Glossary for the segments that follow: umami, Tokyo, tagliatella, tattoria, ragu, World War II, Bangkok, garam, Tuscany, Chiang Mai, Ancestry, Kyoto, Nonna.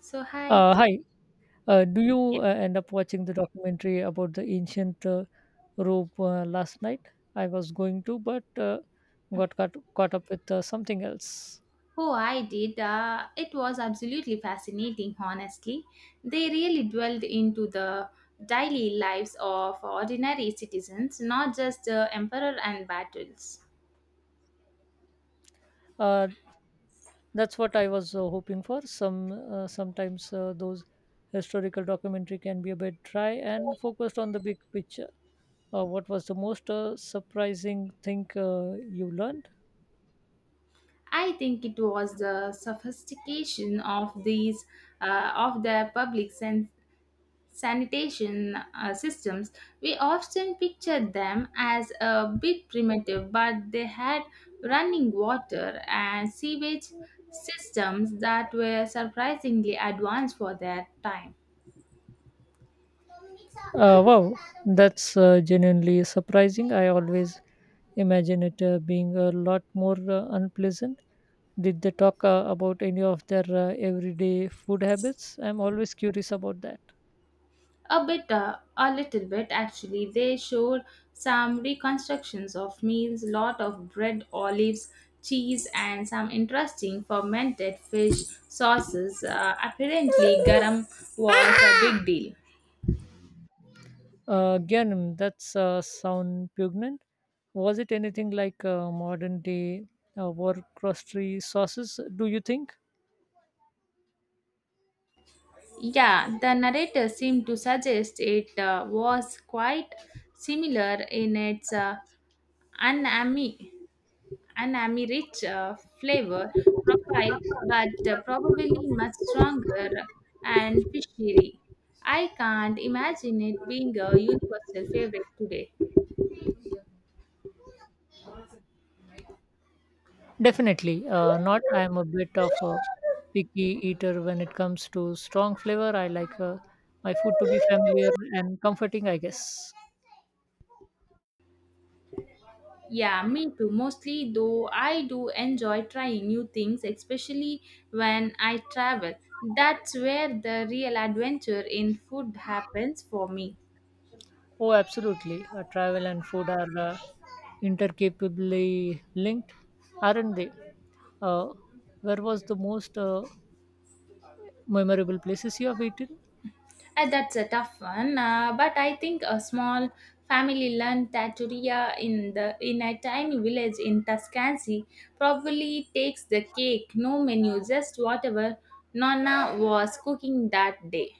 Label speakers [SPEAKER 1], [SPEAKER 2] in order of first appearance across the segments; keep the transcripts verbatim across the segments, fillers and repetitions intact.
[SPEAKER 1] So, hi.
[SPEAKER 2] Uh, hi. Uh, do you
[SPEAKER 1] Yeah.
[SPEAKER 2] uh, end up watching the documentary about the ancient uh, Rome uh, last night? I was going to, but uh, got caught, caught up with uh, something else.
[SPEAKER 1] Oh, I did. Uh, it was absolutely fascinating, honestly. They really dwelled into the daily lives of ordinary citizens, not just the emperor and battles.
[SPEAKER 2] Uh, that's what I was uh, hoping for. Some uh, sometimes uh, those historical documentary can be a bit dry and focused on the big picture. Uh, what was the most uh, surprising thing uh, you learned?
[SPEAKER 1] I think it was the sophistication of these uh, of the public sen- sanitation uh, systems, we often picture them as a bit primitive, but they had running water and sewage systems that were surprisingly advanced for their time.
[SPEAKER 2] Uh, wow, that's uh, genuinely surprising. I always imagine it uh, being a lot more uh, unpleasant. Did they talk uh, about any of their uh, everyday food habits? I'm always curious about that.
[SPEAKER 1] A bit, uh, a little bit actually, they showed some reconstructions of meals, lot of bread, olives, cheese, and some interesting fermented fish sauces. Uh, apparently, garam was a big deal.
[SPEAKER 2] Uh, again, that's uh, sound pungent. Was it anything like uh, modern day uh, war crostry sauces, do you think?
[SPEAKER 1] Yeah, the narrator seemed to suggest it uh, was quite similar in its uh, unami, unami rich uh, flavor profile, but uh, probably much stronger and fishery. I can't imagine it being a universal favorite today.
[SPEAKER 2] Definitely uh, not. I'm a bit of a picky eater when it comes to strong flavor. I like uh, my food to be familiar and comforting, I guess.
[SPEAKER 1] Yeah, me too. Mostly, though, I do enjoy trying new things, especially when I travel. That's where the real adventure in food happens for me.
[SPEAKER 2] Oh, absolutely. Uh, travel and food are uh, intercapably linked, aren't they? Uh, where was the most uh, memorable places you have eaten?
[SPEAKER 1] And that's a tough one, uh, but I think a small family run tattoria in the in a tiny village in Tuscany probably takes the cake. No menu, just whatever Nonna was cooking that day.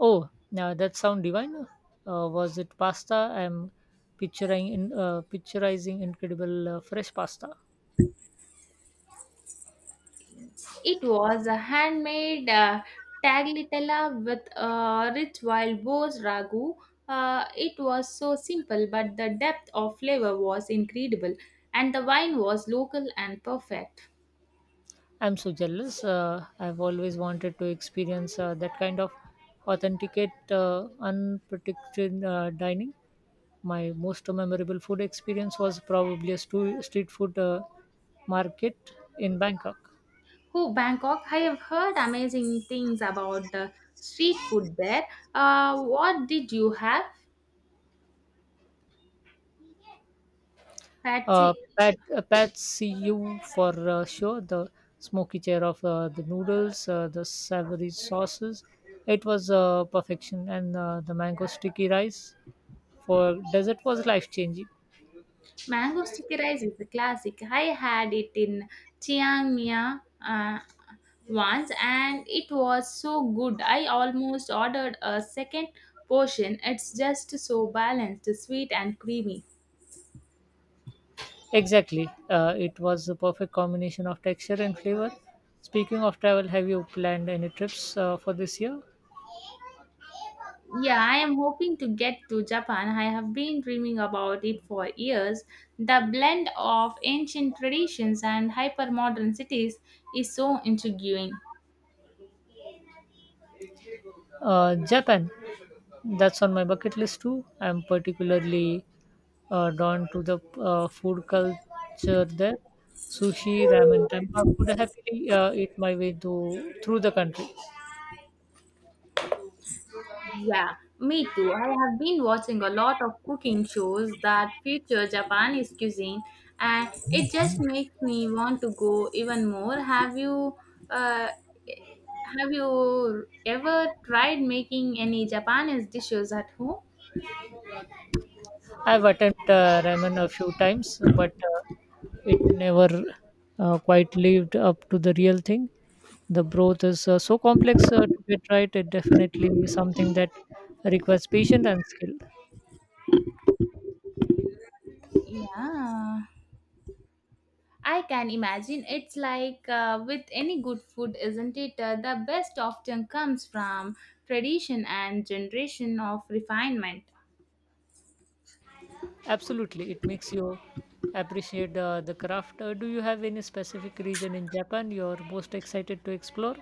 [SPEAKER 2] Oh, now that sound divine. Uh, was it pasta? I'm picturing in uh, picturizing incredible uh, fresh pasta.
[SPEAKER 1] It was a handmade uh, tagliatella with a rich wild boar's ragu. Uh, it was so simple, but the depth of flavor was incredible, and the wine was local and perfect.
[SPEAKER 2] I'm so jealous. Uh, I've always wanted to experience uh, that kind of authenticate, uh, unpredicted uh, dining. My most memorable food experience was probably a stu- street food uh, market in Bangkok.
[SPEAKER 1] Oh, Bangkok! I have heard amazing things about the street food there. Uh, what did you have?
[SPEAKER 2] Uh,
[SPEAKER 1] Patsy,
[SPEAKER 2] Pat, uh, Pat see you for uh, sure. The smoky chair of uh, the noodles, uh, the savory sauces. It was uh, perfection. And uh, the mango sticky rice for dessert was life changing.
[SPEAKER 1] mango sticky rice is a classic. I had it in Chiang Mai, uh, once and it was so good I almost ordered a second portion. It's just so balanced, sweet, and creamy.
[SPEAKER 2] Exactly. Uh, it was the perfect combination of texture and flavor. Speaking of travel, have you planned any trips uh, for this year?
[SPEAKER 1] Yeah, I am hoping to get to Japan. I have been dreaming about it for years. The blend of ancient traditions and hypermodern cities is so intriguing.
[SPEAKER 2] Uh, Japan, that's on my bucket list too. I'm particularly uh, drawn to the uh, food culture there. Sushi, ramen, tempura could happily uh, eat my way to, through the country.
[SPEAKER 1] Yeah, me too. I have been watching a lot of cooking shows that feature Japanese cuisine, and it just makes me want to go even more. Have you, uh, have you ever tried making any Japanese dishes at home?
[SPEAKER 2] I've attempted uh, ramen a few times, but uh, it never uh, quite lived up to the real thing. The broth is uh, so complex uh, to get right. It definitely is something that requires patience and skill.
[SPEAKER 1] Yeah, I can imagine. It's like uh, with any good food, isn't it? Uh, the best often comes from tradition and generation of refinement.
[SPEAKER 2] Absolutely, it makes you appreciate uh, the craft. Uh, do you have any specific region in Japan you're most excited to explore?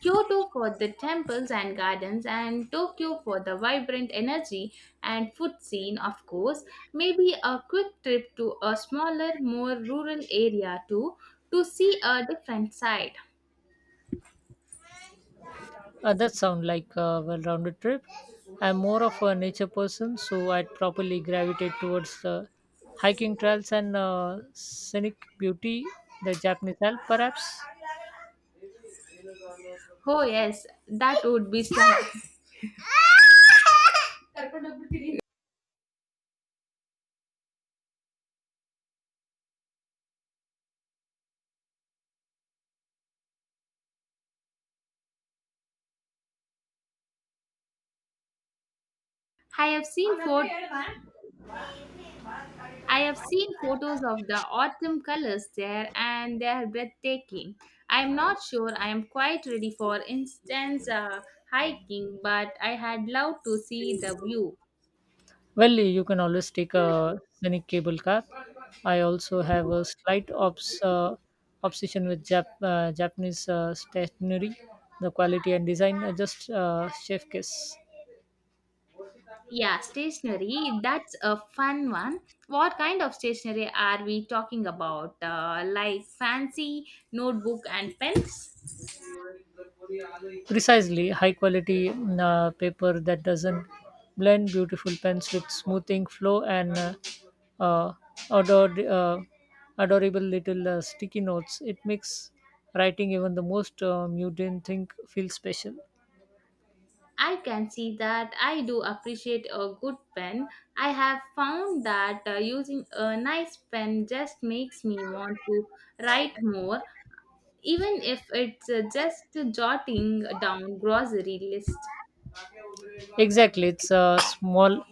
[SPEAKER 1] Kyoto for the temples and gardens, and Tokyo for the vibrant energy and food scene, of course. Maybe a quick trip to a smaller, more rural area too, to see a different side.
[SPEAKER 2] Uh, that sounds like a well-rounded trip. I'm more of a nature person, so I'd probably gravitate towards uh, hiking trails and uh, scenic beauty, the Japanese Alps, perhaps.
[SPEAKER 1] Oh, yes, that would be stunning. I have seen photos. I have seen photos of the autumn colors there and they are breathtaking. I am not sure I am quite ready for instance uh, hiking, but I had loved to see the view.
[SPEAKER 2] Well, you can always take a scenic cable car. I also have a slight obs- uh, obsession with Jap- uh, Japanese uh, stationery. The quality and design are just uh, chef kiss.
[SPEAKER 1] Yeah, stationery. That's a fun one. What kind of stationery are we talking about? Uh, like fancy notebook and pens?
[SPEAKER 2] Precisely, high quality mm, uh, paper that doesn't blend, beautiful pens with smoothing flow, and uh, uh, ador- uh, adorable little uh, sticky notes. It makes writing even the most uh, mundane thing feel special.
[SPEAKER 1] I can see that I do appreciate a good pen. I have found that uh, using a nice pen just makes me want to write more, even if it's uh, just jotting down grocery list.
[SPEAKER 2] Exactly, it's a small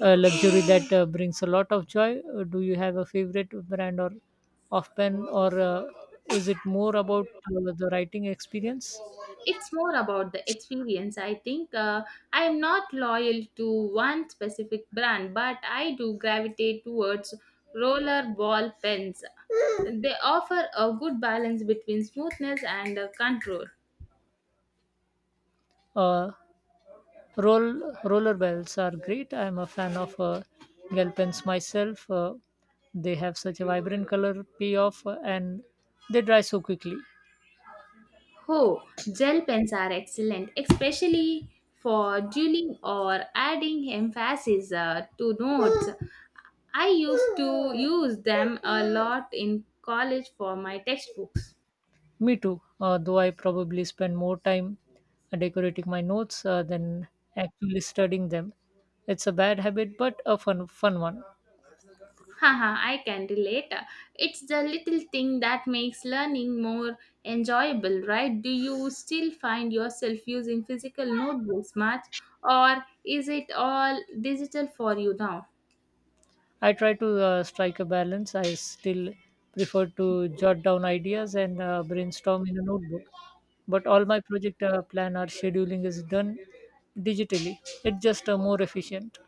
[SPEAKER 2] uh, luxury that uh, brings a lot of joy. Uh, Do you have a favorite brand or of pen, or uh, is it more about uh, the writing experience?
[SPEAKER 1] It's more about the experience I think, uh, I am not loyal to one specific brand, but I do gravitate towards roller ball pens. They offer a good balance between smoothness and uh, control.
[SPEAKER 2] Uh, roll Roller bells are great. I'm a fan of uh, gel pens myself. Uh, they have such a vibrant color payoff uh, and they dry so quickly.
[SPEAKER 1] Oh, gel pens are excellent, especially for dueling or adding emphasis uh, to notes. I used to use them a lot in college for my textbooks.
[SPEAKER 2] Me too, uh, though I probably spend more time decorating my notes uh, than actually studying them. It's a bad habit, but a fun, fun one.
[SPEAKER 1] Haha, I can relate. It's the little thing that makes learning more enjoyable, right? Do you still find yourself using physical notebooks much, or is it all digital for you now?
[SPEAKER 2] I try to uh, strike a balance. I still prefer to jot down ideas and uh, brainstorm in a notebook. But all my project uh, plan or scheduling is done digitally. It's just uh, more efficient.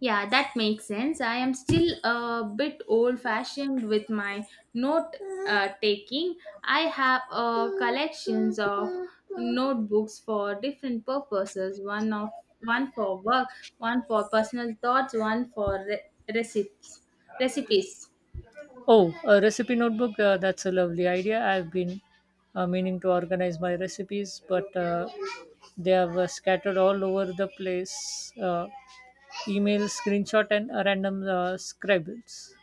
[SPEAKER 1] Yeah, that makes sense. I am still a bit old fashioned with my note uh, taking. I have uh, collections of notebooks for different purposes, one of one for work, one for personal thoughts, one for re- recipes. recipes.
[SPEAKER 2] Oh, a recipe notebook. Uh, that's a lovely idea. I've been uh, meaning to organize my recipes, but uh, they are uh, scattered all over the place. Uh, email, screenshot, and uh, random uh, scribbles.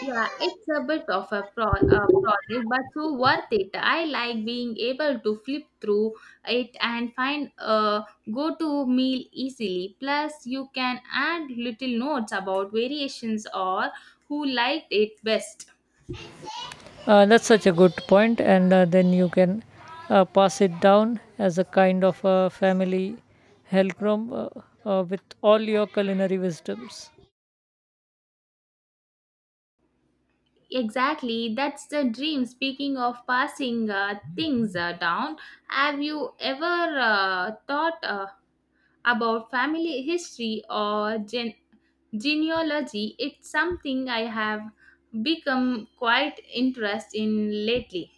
[SPEAKER 1] Yeah, it's a bit of a pro uh, project, but so worth it. I like being able to flip through it and find a go-to meal easily. Plus, you can add little notes about variations or who liked it best.
[SPEAKER 2] Uh, that's such a good point, and uh, then you can uh, pass it down as a kind of a family helcrom uh, uh, with all your culinary wisdoms.
[SPEAKER 1] Exactly, that's the dream. Speaking of passing uh, things uh, down, have you ever uh, thought uh, about family history or gen Genealogy, it's something I have become quite interested in lately.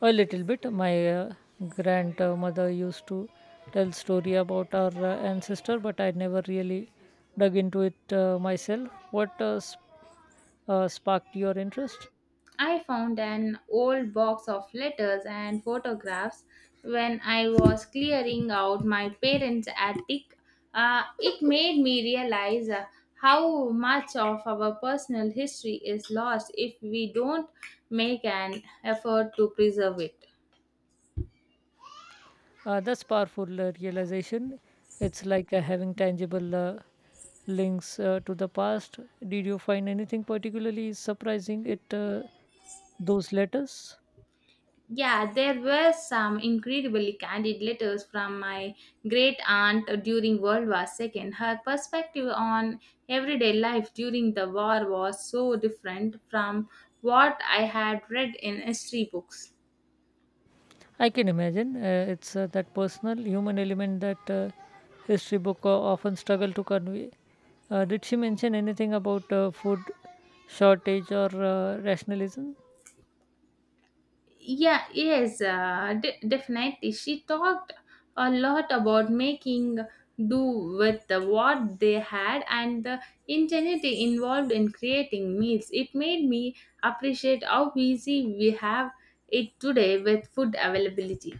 [SPEAKER 2] A little bit. My uh, grandmother used to tell story about our uh, ancestor, but I never really dug into it uh, myself. What uh, sp- uh, sparked your interest?
[SPEAKER 1] I found an old box of letters and photographs when I was clearing out my parents' attic. Uh, it made me realize uh, how much of our personal history is lost if we don't make an effort to preserve it.
[SPEAKER 2] Uh, that's powerful uh, realization. It's like uh, having tangible uh, links uh, to the past. Did you find anything particularly surprising at uh, those letters?
[SPEAKER 1] Yeah, there were some incredibly candid letters from my great aunt during World War the second. Her perspective on everyday life during the war was so different from what I had read in history books.
[SPEAKER 2] I can imagine. Uh, it's uh, that personal human element that uh, history book uh, often struggle to convey. Uh, did she mention anything about uh, food shortage or uh, rationalism?
[SPEAKER 1] Yeah, yes, uh, de- definitely. She talked a lot about making do with the, what they had and the ingenuity involved in creating meals. It made me appreciate how easy we have it today with food availability.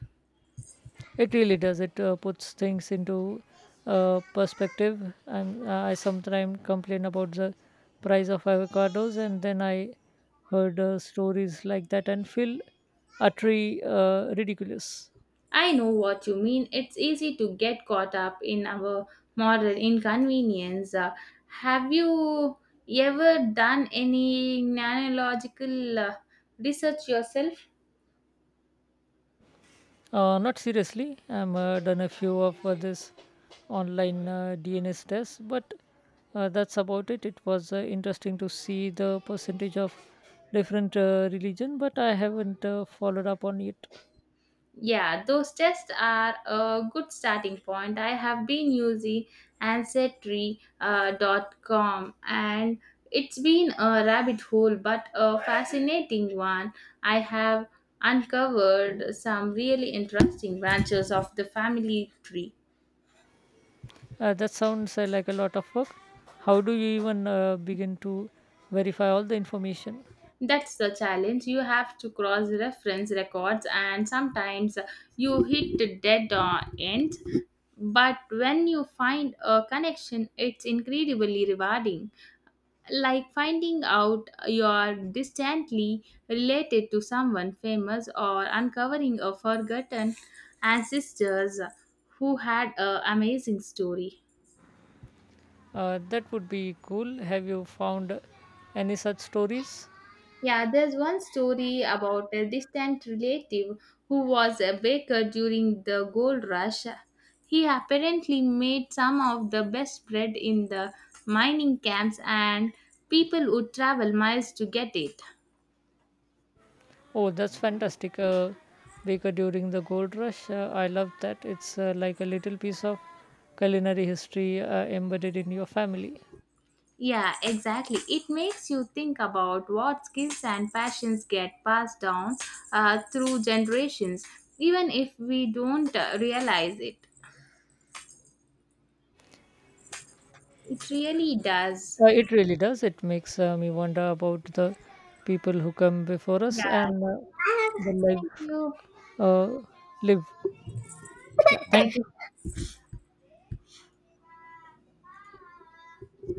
[SPEAKER 2] It really does. It uh, puts things into uh, perspective. And uh, I sometimes complain about the price of avocados, and then I heard uh, stories like that and feel utterly uh, ridiculous.
[SPEAKER 1] I know what you mean. It's easy to get caught up in our modern inconvenience. Uh, have you ever done any nanological uh, research yourself?
[SPEAKER 2] Uh, not seriously. I'm uh, done a few of uh, this online uh, D N S tests, but uh, that's about it. It was uh, interesting to see the percentage of different uh, religion, but I haven't uh, followed up on it.
[SPEAKER 1] Yeah, those tests are a good starting point. I have been using Ancestry uh, dot com and it's been a rabbit hole but a fascinating one. I have uncovered some really interesting branches of the family tree.
[SPEAKER 2] Uh, that sounds uh, like a lot of work. How do you even uh, begin to verify all the information?
[SPEAKER 1] That's the challenge. You have to cross reference records, and sometimes you hit the dead uh, end. But when you find a connection, it's incredibly rewarding, like finding out you are distantly related to someone famous or uncovering a forgotten ancestors who had an amazing story.
[SPEAKER 2] Uh, that would be cool. Have you found any such stories?
[SPEAKER 1] Yeah, there's one story about a distant relative who was a baker during the gold rush. He apparently made some of the best bread in the mining camps, and people would travel miles to get it.
[SPEAKER 2] Oh, that's fantastic. Uh, Baker during the gold rush. Uh, I love that. It's uh, like a little piece of culinary history uh, embedded in your family.
[SPEAKER 1] Yeah, exactly. It makes you think about what skills and passions get passed down uh, through generations, even if we don't uh, realize it. It really does.
[SPEAKER 2] Uh, it really does. It makes uh, me wonder about the people who come before us
[SPEAKER 1] Yeah.
[SPEAKER 2] and uh, the
[SPEAKER 1] Thank
[SPEAKER 2] life
[SPEAKER 1] you.
[SPEAKER 2] uh, live. Yeah, thank
[SPEAKER 1] Thank you.
[SPEAKER 2] you.